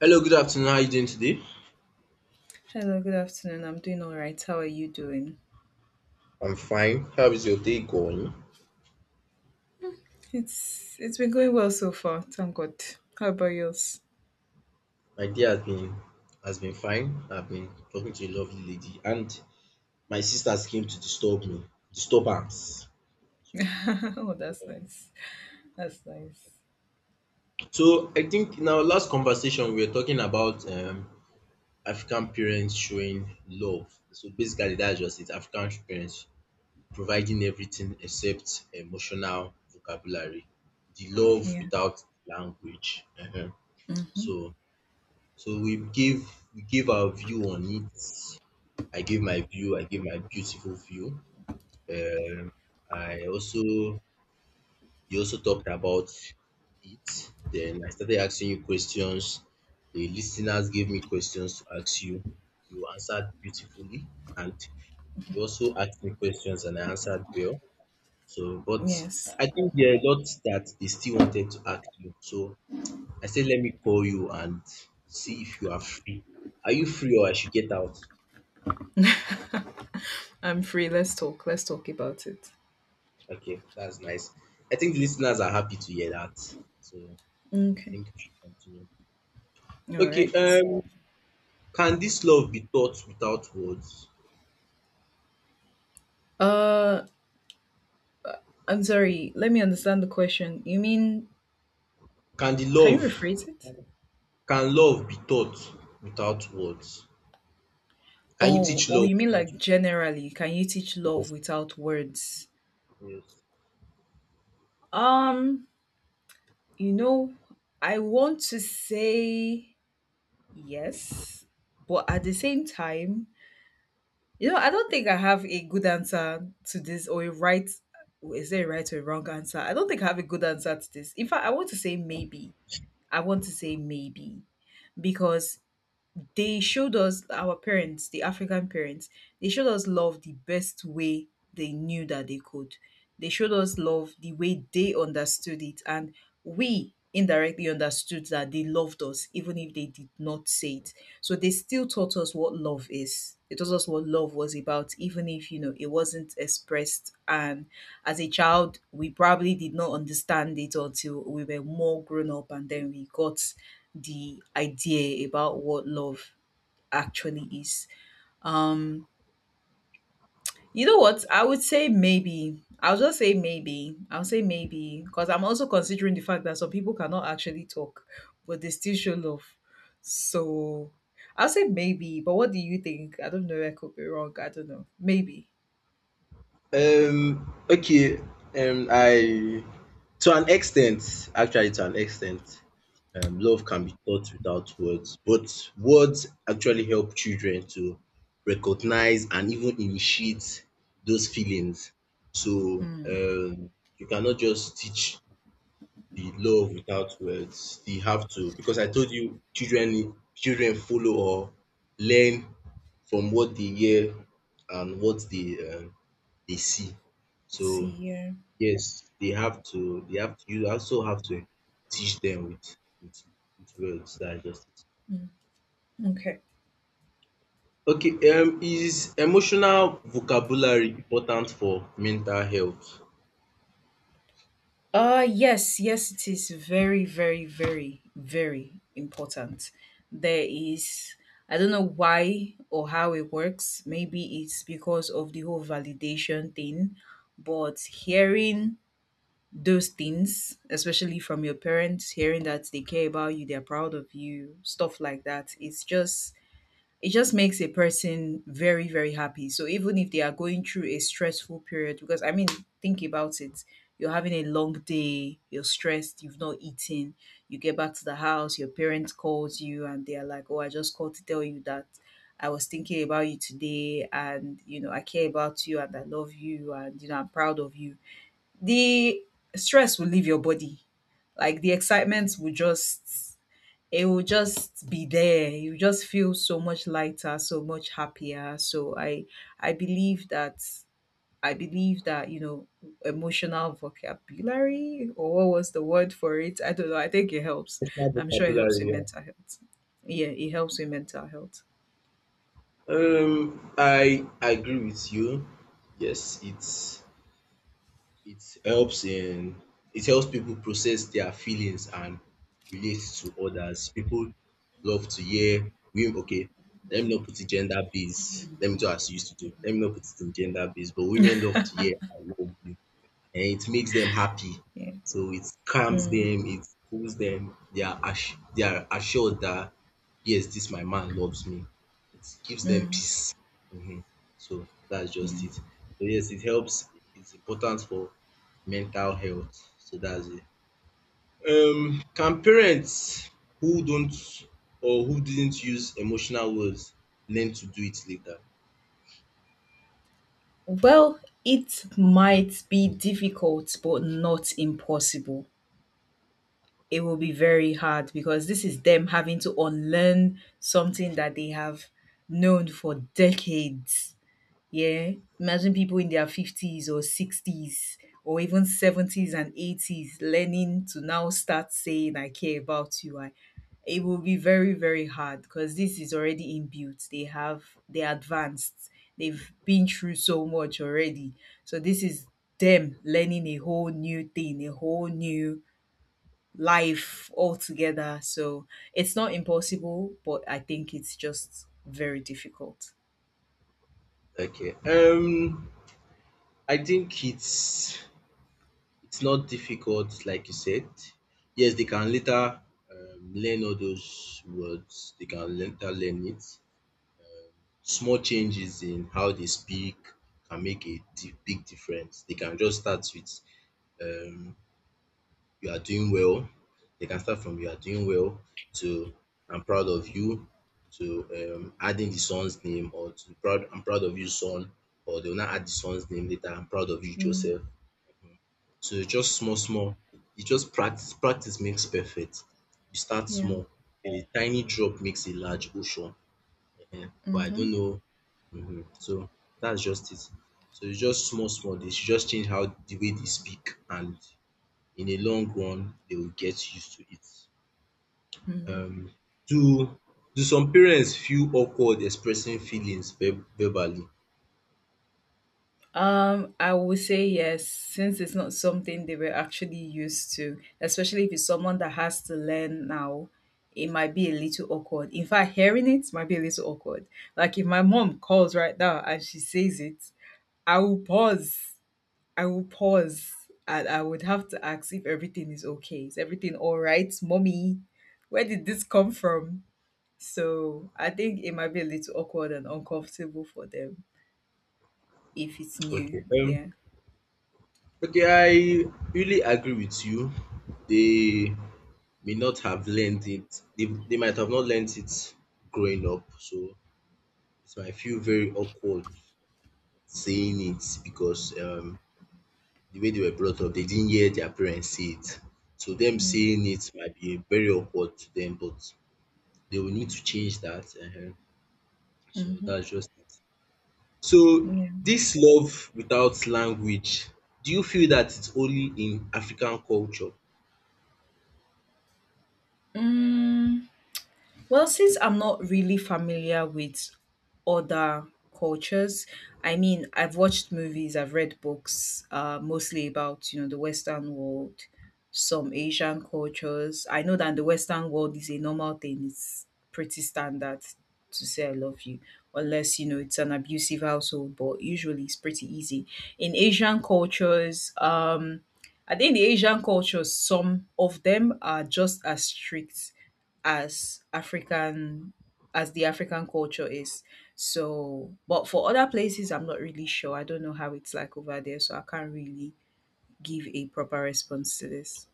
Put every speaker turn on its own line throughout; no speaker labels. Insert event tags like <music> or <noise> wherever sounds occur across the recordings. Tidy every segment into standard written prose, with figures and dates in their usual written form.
Hello, good afternoon. How are you doing today?
Hello, good afternoon. I'm doing all right. How are you doing?
I'm fine. How is your day going?
It's been going well so far. Thank God. How about yours?
My day has been fine. I've been talking to a lovely lady, and my sisters came to disturb me. Disturbance. So,
<laughs> Oh, that's nice. That's nice.
so, I think in our last conversation we were talking about African parents showing love. So basically, that's just it. African parents providing everything except emotional vocabulary, the love
Yeah.
without language. Ehen.
Mm-hmm.
So So give we give our view on it. I gave my view. I gave my beautiful view. Um, I also you also talked about it. Then I started asking you questions. The listeners gave me questions to ask you. You answered beautifully, and you also asked me questions, and I answered well. So, but
Yes.
I think there are lots that they still wanted to ask you. So I said, let me call you and see if you are free. Are you free or I should get out?
I'm free. Let's talk. Let's talk about it.
Okay, that's nice. I think the listeners are happy to hear that. So I
Okay.
think we should continue.
All
Okay,
right.
um, can this love be taught without words?
Uh, I'm sorry. Let me understand the question. You mean
Can the
can you
love,
rephrase it?
can love be taught without words? Can you
Oh,
teach
oh,
love
you mean like
without
generally? Can you teach love
words?
without words?
Yes.
Um, you know, I want to say yes, but at the same time, I don't think I have a good answer to this or a right. Is there a right or a wrong answer? I don't think I have a good answer to this. In fact, I want to say maybe. I want to say maybe because they showed us our parents, the African parents, they showed us love the best way they knew that they could. They showed us love the way they understood it, and we indirectly understood that they loved us, even if they did not say it. So they still taught us what love is. They taught us what love was about, even if it wasn't expressed. And as a child, we probably did not understand it until we were more grown up, and then we got the idea about what love actually is. Um, you know what? I would say maybe. I'll just say maybe. I'll say maybe because I'm also considering the fact that some people cannot actually talk, but they still show love. So I'll say maybe. But what do you think? I don't know. I could be wrong. I don't know. Maybe.
Okay, I to an extent, actually, to an extent, love can be taught without words, but words actually help children to recognize and even initiate those feelings. So,
Mm.
you cannot just teach the love without words. They have to, because I told you, children follow or learn from what they hear and what they see.
See
So
here.
yes, they have to, you also have to teach them with with, with words. That's just it.
Mm. Okay.
Okay, is emotional vocabulary important for mental health?
Yes, yes, it is very, very, very, very important. There is I don't know why or how it works. Maybe it's because of the whole validation thing, but hearing those things, especially from your parents, hearing that they care about you, they're proud of you, stuff like that, it just makes a person very very happy. So even if they are going through a stressful period, because I mean, think about it, you're having a long day, you're stressed, you've not eaten, you get back to the house, your parents calls you and they're like, oh, I just called to tell you that I was thinking about you today, and you know I care about you and I love you and you know I'm proud of you. The stress will leave your body, like the excitement will just, it will just be there. You just feel so much lighter, so much happier. So I believe that, I believe that, emotional vocabulary, or what was the word for it? I don't know. I think it helps.
Emotional
I'm sure it helps
vocabulary,
with
yeah.
mental health. Yeah, it helps with mental health.
I agree with you. Yes, it's. It helps in, it helps people process their feelings and relate to others. People love to hear we okay. Let me not put it gender based. Let me do as you used to do. Let me not put it in gender based. But women love to hear I love you and it makes them happy.
Yeah.
So it calms
Mm.
them, it cools them. They are they are assured that yes, this my man loves me. It gives them
Mm.
peace. Mhm. So that's just
Yeah.
it. So yes, it helps. It's important for mental health. So that's it. Can parents who don't or who didn't use emotional words learn to do it later?
Well, it might be difficult but not impossible. It will be very hard because this is them having to unlearn something that they have known for decades. Yeah. Imagine people in their 50s or 60s or even 70s and 80s learning to now start saying, I care about you. It will be very, very hard because this is already inbuilt. They're advanced. They've been through so much already. So this is them learning a whole new thing, a whole new life altogether. So it's not impossible, but I think it's just very difficult.
Okay. I think it's. It's not difficult, like you said. Yes, they can later learn all those words. They can later learn it. Small changes in how they speak can make a big difference. They can just start with um, "You are doing well." They can start from "You are doing well" to "I'm proud of you" to adding the son's name or to "Proud I'm proud of you, son." Or they'll not add the son's name later. "I'm proud of you,
Mm,
Joseph." So just small, small. You just practice. Practice makes perfect. You start
yeah.
small, and a tiny drop makes a large ocean. Eh, but I
Mm-hmm.
don't know. So that's just it. So it's just small, small. They should just change how the way they speak, and in the long run, they will get used to it.
Mm.
Um, do do some parents feel awkward expressing feelings verbally?
I would say yes, since it's not something they were actually used to, especially if it's someone that has to learn now, it might be a little awkward. In fact, hearing it might be a little awkward. Like if my mom calls right now and she says it, I will pause I will pause and I would have to ask if everything is okay. Is everything all right, mommy? Where did this come from? So I think it might be a little awkward and uncomfortable for them if it's new.
Okay.
Yeah.
Okay, I really agree with you. They may not have learned it. They might have not learned it growing up, so it might feel very awkward saying it because the way they were brought up, they didn't hear their parents say it. So them
Mm-hmm.
saying it might be very awkward to them, but they will need to change that. Ehen. So
Mm-hmm.
that's just it. So
Yeah.
this love without language, do you feel that it's only in African culture?
Mm. Well, since I'm not really familiar with other cultures, I mean, I've watched movies, I've read books, mostly about the Western world, some Asian cultures. I know that in the Western world is a normal thing; it's pretty standard to say "I love you," unless you know it's an abusive household. But usually, it's pretty easy. In Asian cultures, I think the Asian cultures, some of them are just as strict as African as the African culture is. So, but for other places, I'm not really sure. I don't know how it's like over there, so I can't really give a proper response to this.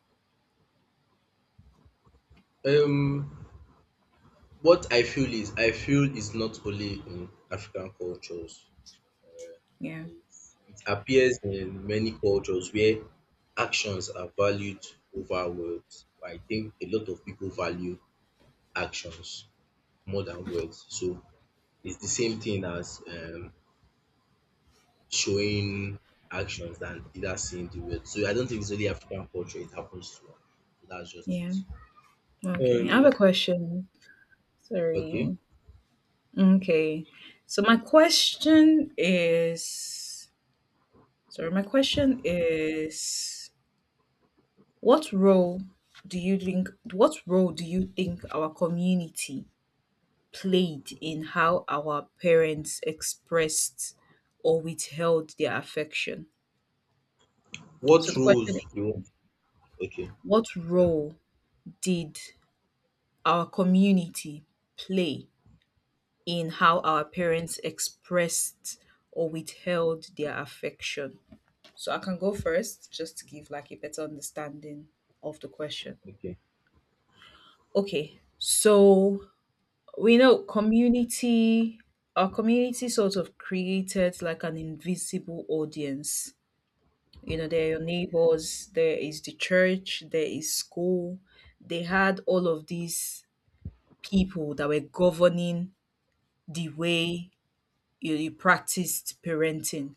Um, what I feel is I feel it's not only in African cultures.
Yeah.
I, it appears in many cultures where actions are valued over words. I think a lot of people value actions more than words. So it's the same thing as showing actions than either seeing the words. So I don't think it's only African culture. It happens to us. So that's just
Yeah.
it.
Okay. I have
Um.
a question.
Okay.
Sorry. Okay. So my question is, sorry, my question is, what role do you think, our community played in how our parents expressed or withheld their affection?
What
So the question is,
rules you want? Okay.
what
Sorry.
role did our community play in how our parents expressed or withheld their affection? So I can go first just to give like a better understanding of the question.
Okay.
Okay, so we know community, our community sort of created like an invisible audience. You know, there are your neighbors, there is the church, there is school. They had all of these people that were governing the way you practiced parenting.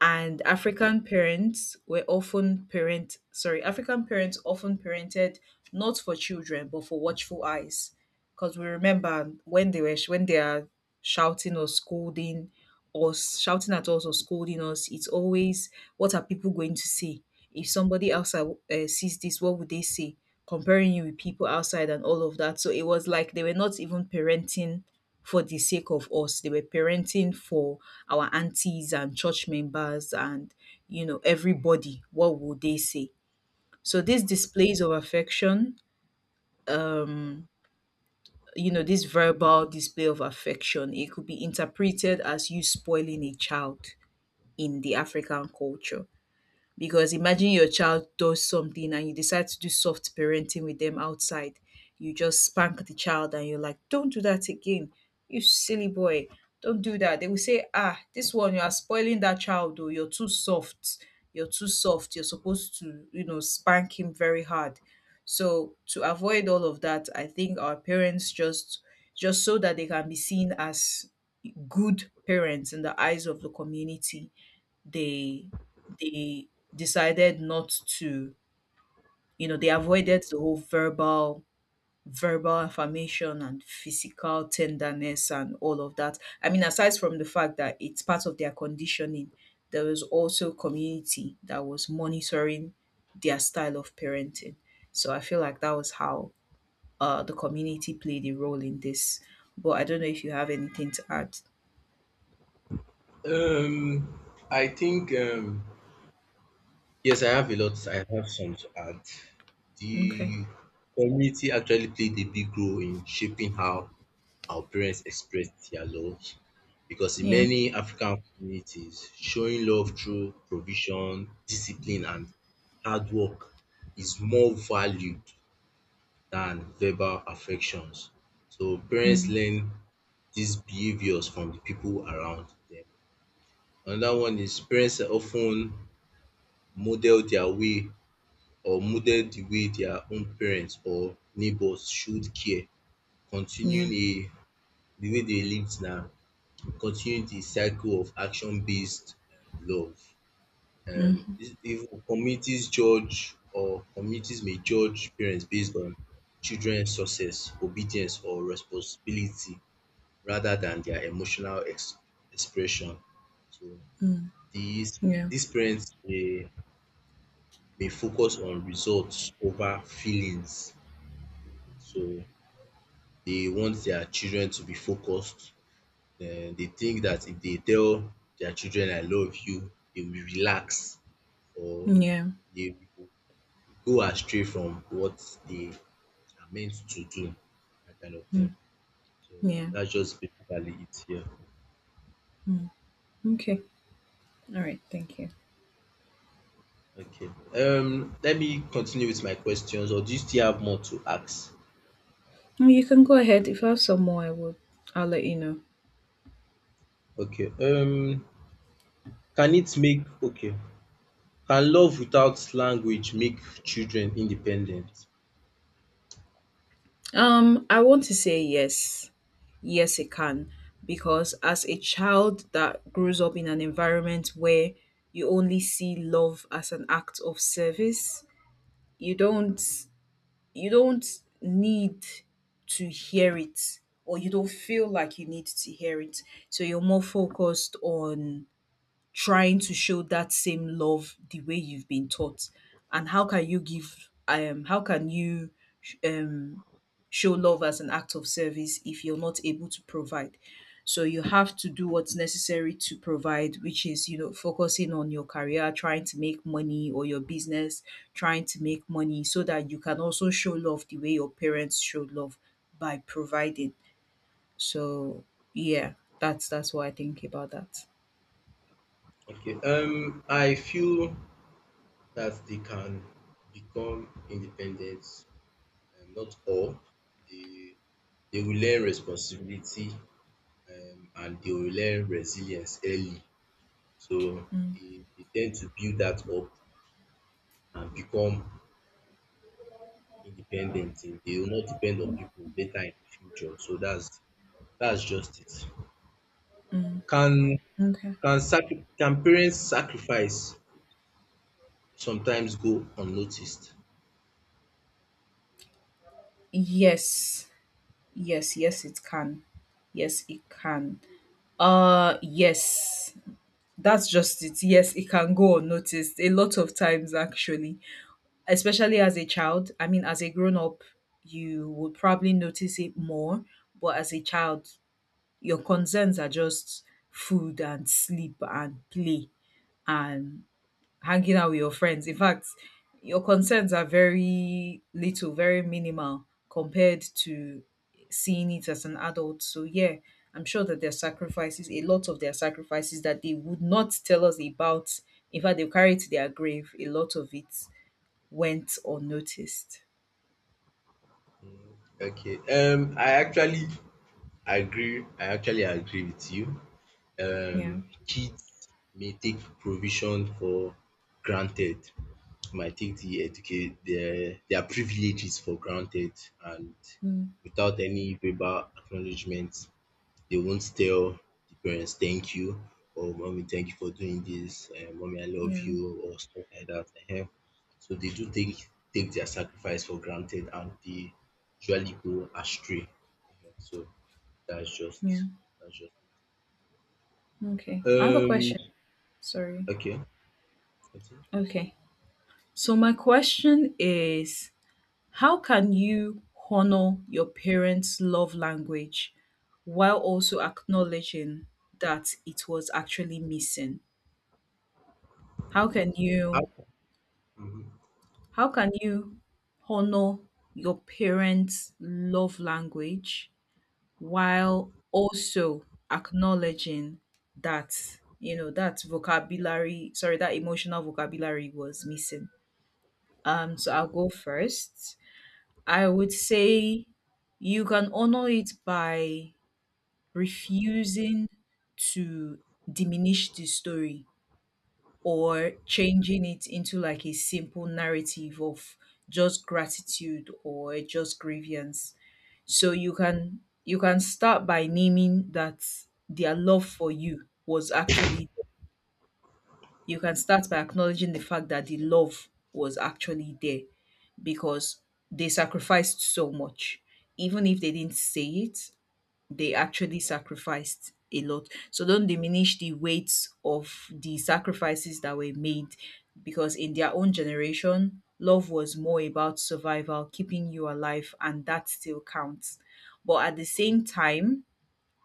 And African parents were often parent sorry, African parents often parented not for children but for watchful eyes. Because we remember when they are shouting or scolding or shouting at us or scolding us, it's always, what are people going to say? If somebody else sees this, what would they say? Comparing you with people outside and all of that. So it was like they were not even parenting for the sake of us. They were parenting for our aunties and church members and, you know, everybody. What would they say? So these displays of affection, um, this verbal display of affection, it could be interpreted as you spoiling a child in the African culture. Because imagine your child does something and you decide to do soft parenting with them outside. You just spank the child and you're like, don't do that again. You silly boy. Don't do that. They will say, ah, this one, you are spoiling that child, though. You're too soft. You're too soft. You're supposed to, you know, spank him very hard. So to avoid all of that, I think our parents just so that they can be seen as good parents in the eyes of the community, they they decided not to, you know, they avoided the whole verbal affirmation and physical tenderness and all of that. I mean, aside from the fact that it's part of their conditioning, there was also community that was monitoring their style of parenting. So I feel like that was how the community played a role in this. But I don't know if you have anything to add.
Um, I think yes, I have a lot. I have some to add.
Okay.
The community actually played a big role in shaping how our parents express their love, because in
Yeah.
many African communities, showing love through provision, discipline, and hard work is more valued than verbal affections. So parents
Mm.
learn these behaviors from the people around them. Another one is parents are often model their way or model the way their own parents or neighbors showed care.
Yeah.
Continuing a the way they lived now, continuing the cycle of action based love. Um,
Mm.
if communities judge or communities may judge parents based on children's success, obedience or responsibility rather than their emotional ex expression. So
Mm.
these
Yeah.
these parents dey they focus on results over feelings. So they want their children to be focused. Then they think that if they tell their children I love you, they will relax or
Yeah.
they will go astray from what they are meant to do, that kind of
Mm,
thing. So
yeah.
that's just basically it here.
Mm, okay. All right. Thank you.
Okay. Um, let me continue with my questions or do you still have more to ask?
Well, you can go ahead. If I have some more, I will. I'll let you know.
Okay. Um, can it make okay, can love without language make children independent?
I want to say yes. Yes, it can. Because as a child that grows up in an environment where you only see love as an act of service, you don't you don't need to hear it or you don't feel like you need to hear it. So you're more focused on trying to show that same love the way you've been taught. And how can you um show love as an act of service if you're not able to provide? So you have to do what's necessary to provide, which is, you know, focusing on your career, trying to make money or your business, trying to make money so that you can also show love the way your parents showed love by providing. So yeah, that's what I think about that.
Okay, um, I feel that they can become independent not all. They they will learn responsibility and they will learn resilience early so
Mm,
they dey ten to build that up and become independent. They will not depend on people later in the future so that's just it. Can
okay.
can can parents sacrifice sometimes go unnoticed.
Yes. Yes, yes it can. Yes, it can. Yes. That's just it. Yes, it can go unnoticed a lot of times actually. Especially as a child. I mean as a grown up you would probably notice it more, but as a child your concerns are just food and sleep and play and hanging out with your friends. In fact, your concerns are very little, very minimal compared to seeing it as an adult. So, yeah, I'm sure that their sacrifices, a lot of their sacrifices that they would not tell us about, in fact, they'll carry to their grave. A lot of it went unnoticed.
Okay. I actually agree. I actually agree with you.
Yeah.
Kids may take provision for granted. Might take the educate their privileges for granted and
Mm.
without any verbal acknowledgement. They won't tell the parents thank you or mommy thank you for doing this, mommy I love
Yeah.
you or stuff like that um. So they do take take their sacrifice for granted and they usually go astray. So that's
Yeah.
just that's just
Okay. I have a
um
question. Sorry.
okay continue.
Okay. So, my question is, how can you honor your parents' love language while also acknowledging that it was actually missing? How can
How
you
mhm
how can you honor your parents' love language while also acknowledging that that vocabulary, sorry, that emotional vocabulary was missing. So I'll go first. I would say you can honor it by refusing to diminish the story or changing it into like a simple narrative of just gratitude or just grievance. So you can start by naming that their love for you was actually— you can start by acknowledging the fact that the love was actually there, because they sacrificed so much. Even if they didn't say it, they actually sacrificed a lot. So don't diminish the weight of the sacrifices that were made, because in their own generation, love was more about survival, keeping you alive, and that still counts. But at the same time,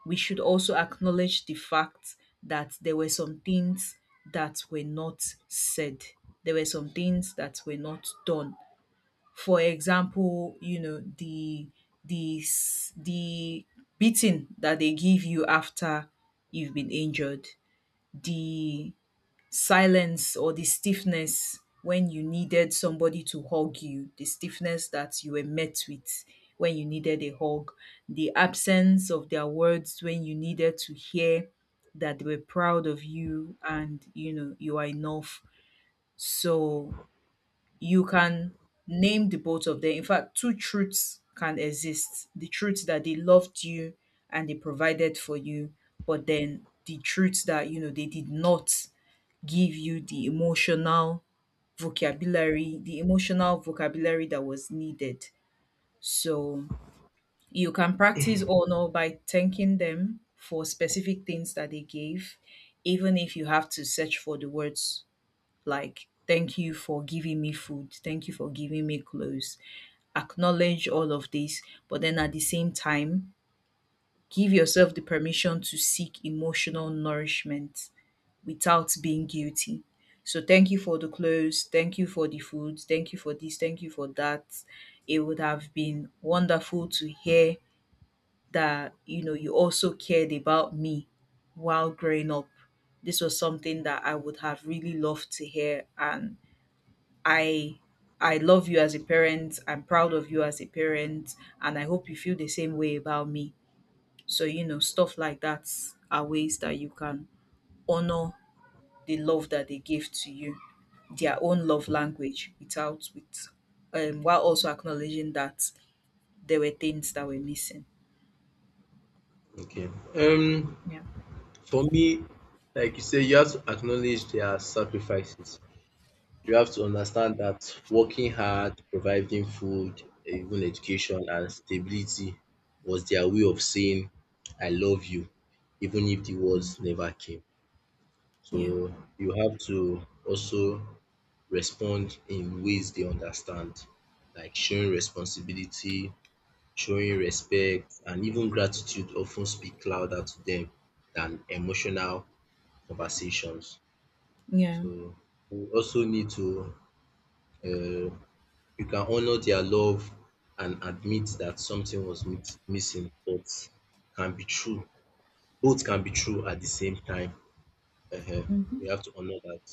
we should also acknowledge the fact that there were some things that were not said. There were some things that were not done. For example, the the beating that they give you after you've been injured, the silence or the stiffness when you needed somebody to hug you, the stiffness that you were met with when you needed a hug, the absence of their words when you needed to hear that they were proud of you and, you know, you are enough. So you can name the both of them. In fact, two truths can exist: the truth that they loved you and they provided for you, but then the truth that, you know, they did not give you the emotional vocabulary that was needed. So you can practice honor by thanking them for specific things that they gave, even if you have to search for the words, like thank you for giving me food, thank you for giving me clothes. Acknowledge all of this, but then at the same time give yourself the permission to seek emotional nourishment without being guilty. So thank you for the clothes, thank you for the food, thank you for this, thank you for that. It would have been wonderful to hear that, you know, you also cared about me while growing up. This was something that I would have really loved to hear. And I I love you as a parent. I'm proud of you as a parent, and I hope you feel the same way about me. So, you know, stuff like that are ways that you can honor the love that they give to you, their own love language, without— with while also acknowledging that there were things that were missing.
okay um
Yeah.
for me like you say you have to acknowledge their sacrifices. You have to understand that working hard, providing food, eh, even education and stability was their way of saying I love you, even if the words
Mm.
never came.
Yeah.
So you have to also respond in ways they understand, like showing responsibility, showing respect, and even gratitude often speak louder to them than emotional conversations.
Yeah.
So we also need to uh, you can honor their love and admit that something was missing, but can be true. Both can be true at the same time. Uh We
Mm-hmm.
have to honor that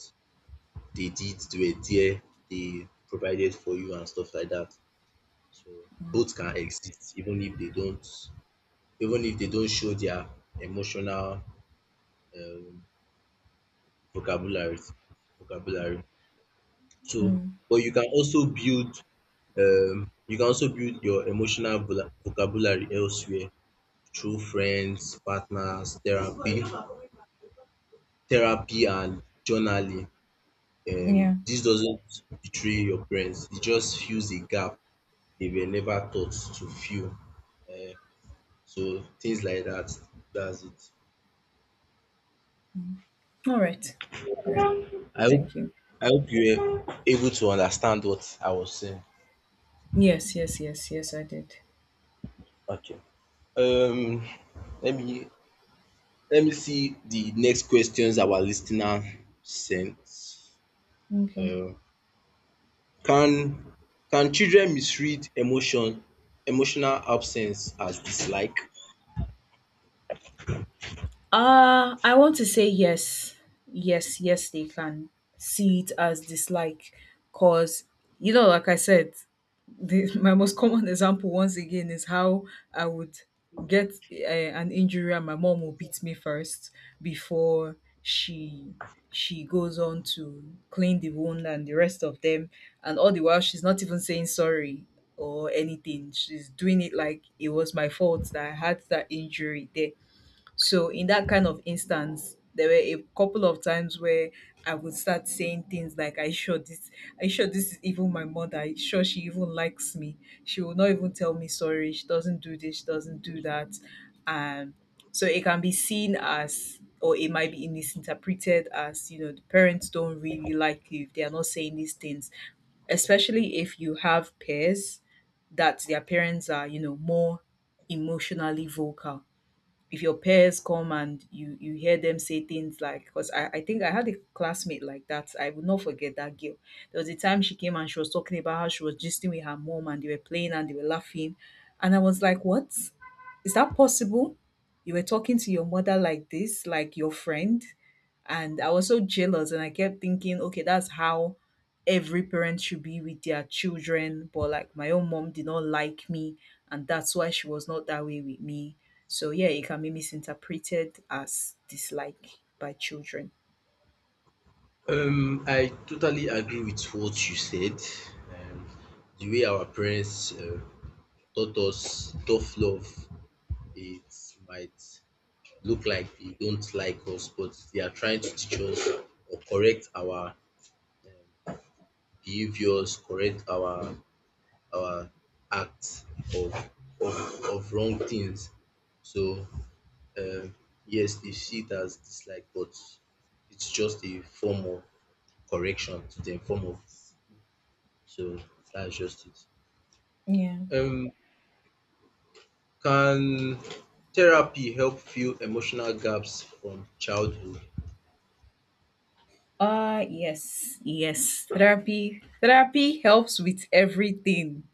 they did, they were there, they provided for you and stuff like that. So both can exist, even if they don't, even if they don't show their emotional um, vocabulary. Vocabulary. So,
Mm.
but you can also build you can also build your emotional vocabulary elsewhere through friends, partners, therapy, therapy and journaling.
Yeah.
This doesn't betray your parents. It just fills a gap they were never taught to fill. Um, so things like that. That's it.
All right. All right.
I hope
Thank you.
I hope you were able to understand what I was saying.
Yes, yes, yes, yes, I did.
Um, let me let me see the next questions our listener sent.
Okay.
Um, Can can children misread emotional absence as dislike?
I want to say yes. Yes, yes, they can see it as dislike. Because, you know, like I said, the, <laughs> my most common example, once again, is how I would get a, an injury and my mom will beat me first before she she goes on to clean the wound and the rest of them, and all the while she's not even saying sorry or anything. She's doing it like it was my fault that I had that injury there. So in that kind of instance, there were a couple of times where I would start saying things like, I sure this is even my mother. I sure she even likes me. She will not even tell me sorry. She doesn't do this. She doesn't do that." Um, so it can be seen as, or it might be misinterpreted as, you know, the parents don't really like you if they are not saying these things, especially if you have peers that their parents are, you know, more emotionally vocal. If your peers come and you hear them say things like— because I think I had a classmate like that. I will not forget that girl. There was a time she came and she was talking about how she was gisting with her mom and they were playing and they were laughing. And I was like, what? Is that possible? You were talking to your mother like this, like your friend? And I was so jealous and I kept thinking, okay, that's how every parent should be with their children. But like my own mom did not like me, and that's why she was not that way with me. So yeah, it can be misinterpreted as dislike by children.
I totally agree with what you said. Um, the way our parents taught us tough love, it might look like they don't like us, but they are trying to teach us or correct our um, behaviors, correct our our acts of of wrong things. So. Um, yes, they see it as dislike, but it's just a form of correction to them, form of so that's just it.
Yeah.
Um, can therapy help fill emotional gaps from childhood?
Ah, yes, yes. Therapy helps with everything.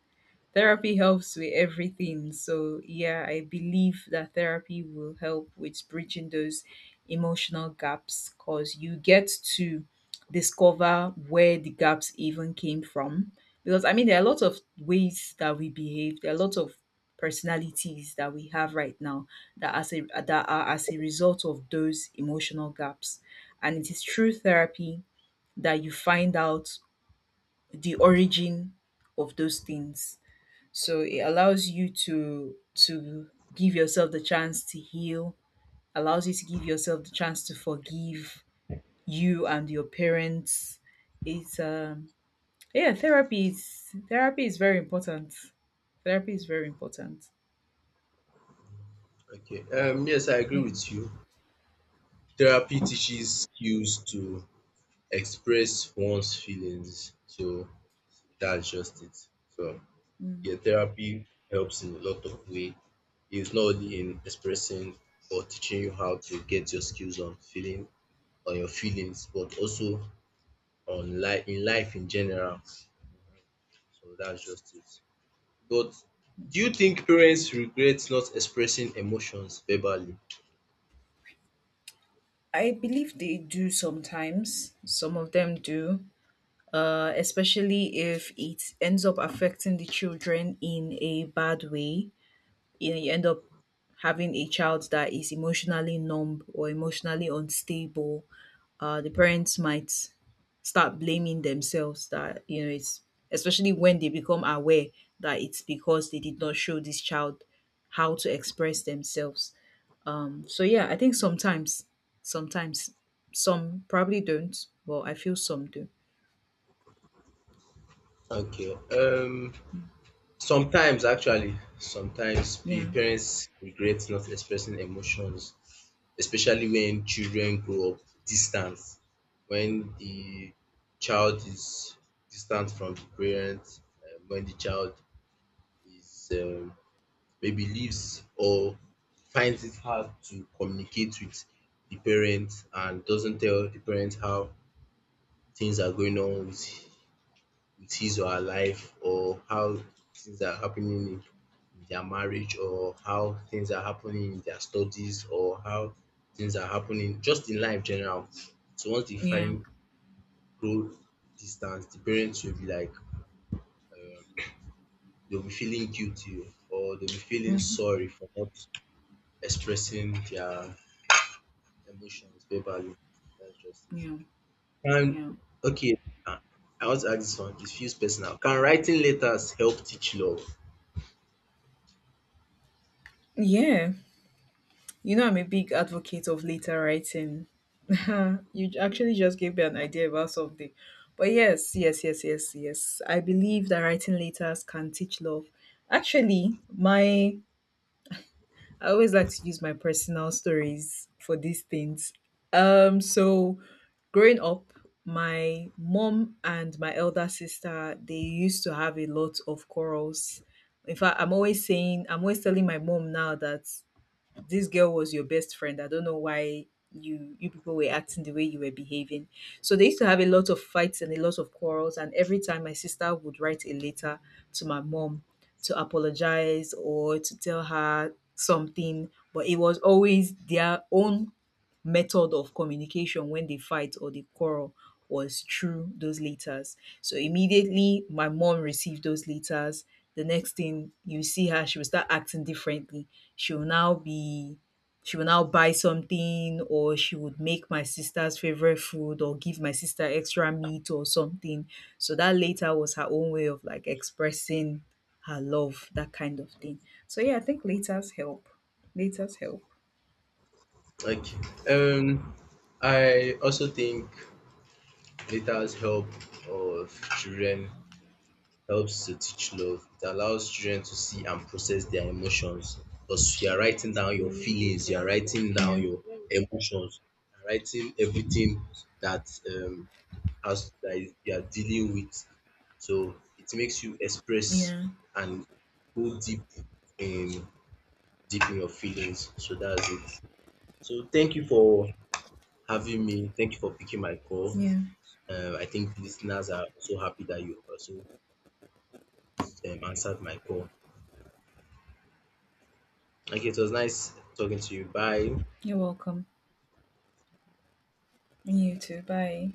Therapy helps with everything. So yeah, I believe that therapy will help with bridging those emotional gaps, because you get to discover where the gaps even came from. Because, I mean, there are a lot of ways that we behave, there are a lot of personalities that we have right now that as a— that are as a result of those emotional gaps, and it is through therapy that you find out the origin of those things. So it allows you to give yourself the chance to heal, allows you to give yourself the chance to forgive you and your parents. It's yeah, therapy is very important. Therapy is very important.
Okay. Yes, I agree
Yeah.
with you. Therapy teaches skills to express one's feelings. So that's just it. So
Mm.
yeah, therapy helps in a lot of ways. It's not only in expressing or teaching you how to get your skills on feeling on your feelings, but also on life in life in general. So that's just it. But do you think parents regret not expressing emotions verbally?
I believe they do sometimes. Some of them do. Especially if it ends up affecting the children in a bad way. You know, you end up having a child that is emotionally numb or emotionally unstable. The parents might start blaming themselves that, you know, it's— especially when they become aware that it's because they did not show this child how to express themselves. So yeah, I think sometimes, sometimes some probably don't, but I feel some do.
Okay. Um, sometimes actually, sometimes pe
Yeah,
parents regret not expressing emotions especially when children grow up distant. When the child is distant from the parent, when the child is maybe leaves or finds it hard to communicate with the parent and doesn't tell the parent how things are going on with his or her life or how things are happening in their marriage or how things are happening in their studies or how things are happening just in life general. So once they
yeah.
find grow distance, the parents will be like um they'll be feeling guilty or they'll be feeling
Hmm.
sorry for not expressing their emotions verbally. That's just it.
Yeah,
And
yeah.
okay, I I want to ask this one. It feels personal. Can writing letters help teach love?
Yeah, you know, I'm a big advocate of letter writing. You actually just gave me an idea about something. But yes, yes, yes, yes, yes. I believe that writing letters can teach love. Actually, my— I always like to use my personal stories for these things. So growing up, my mom and my elder sister, they used to have a lot of quarrels. In fact, I'm always saying, I'm always telling my mom now that this girl was your best friend. I don't know why you people were acting the way you were behaving. So they used to have a lot of fights and a lot of quarrels. And every time my sister would write a letter to my mom to apologize or to tell her something, but it was always their own method of communication. When they fight or they quarrel was through those letters. So immediately my mom received those letters, the next thing you see her, she will start acting differently. She will now be she will now buy something, or she would make my sister's favorite food or give my sister extra meat or something. So that later was her own way of like expressing her love, that kind of thing. So yeah, I think letters help. Letters help.
Like, um, I also think Lita's help of children helps to teach love. It allows children to see and process their emotions because you are writing down your feelings, you are writing
Yeah.
down your emotions, you are writing everything that has that is- you are dealing with. So it makes you express
Yeah.
and go deep in deep in your feelings. So that's it. So thank you for having me. Thank you for picking my call.
Yeah.
I think listeners are also happy that you also answered my call. Okay, it was nice talking to you. Bye.
You're welcome. And you too. Bye.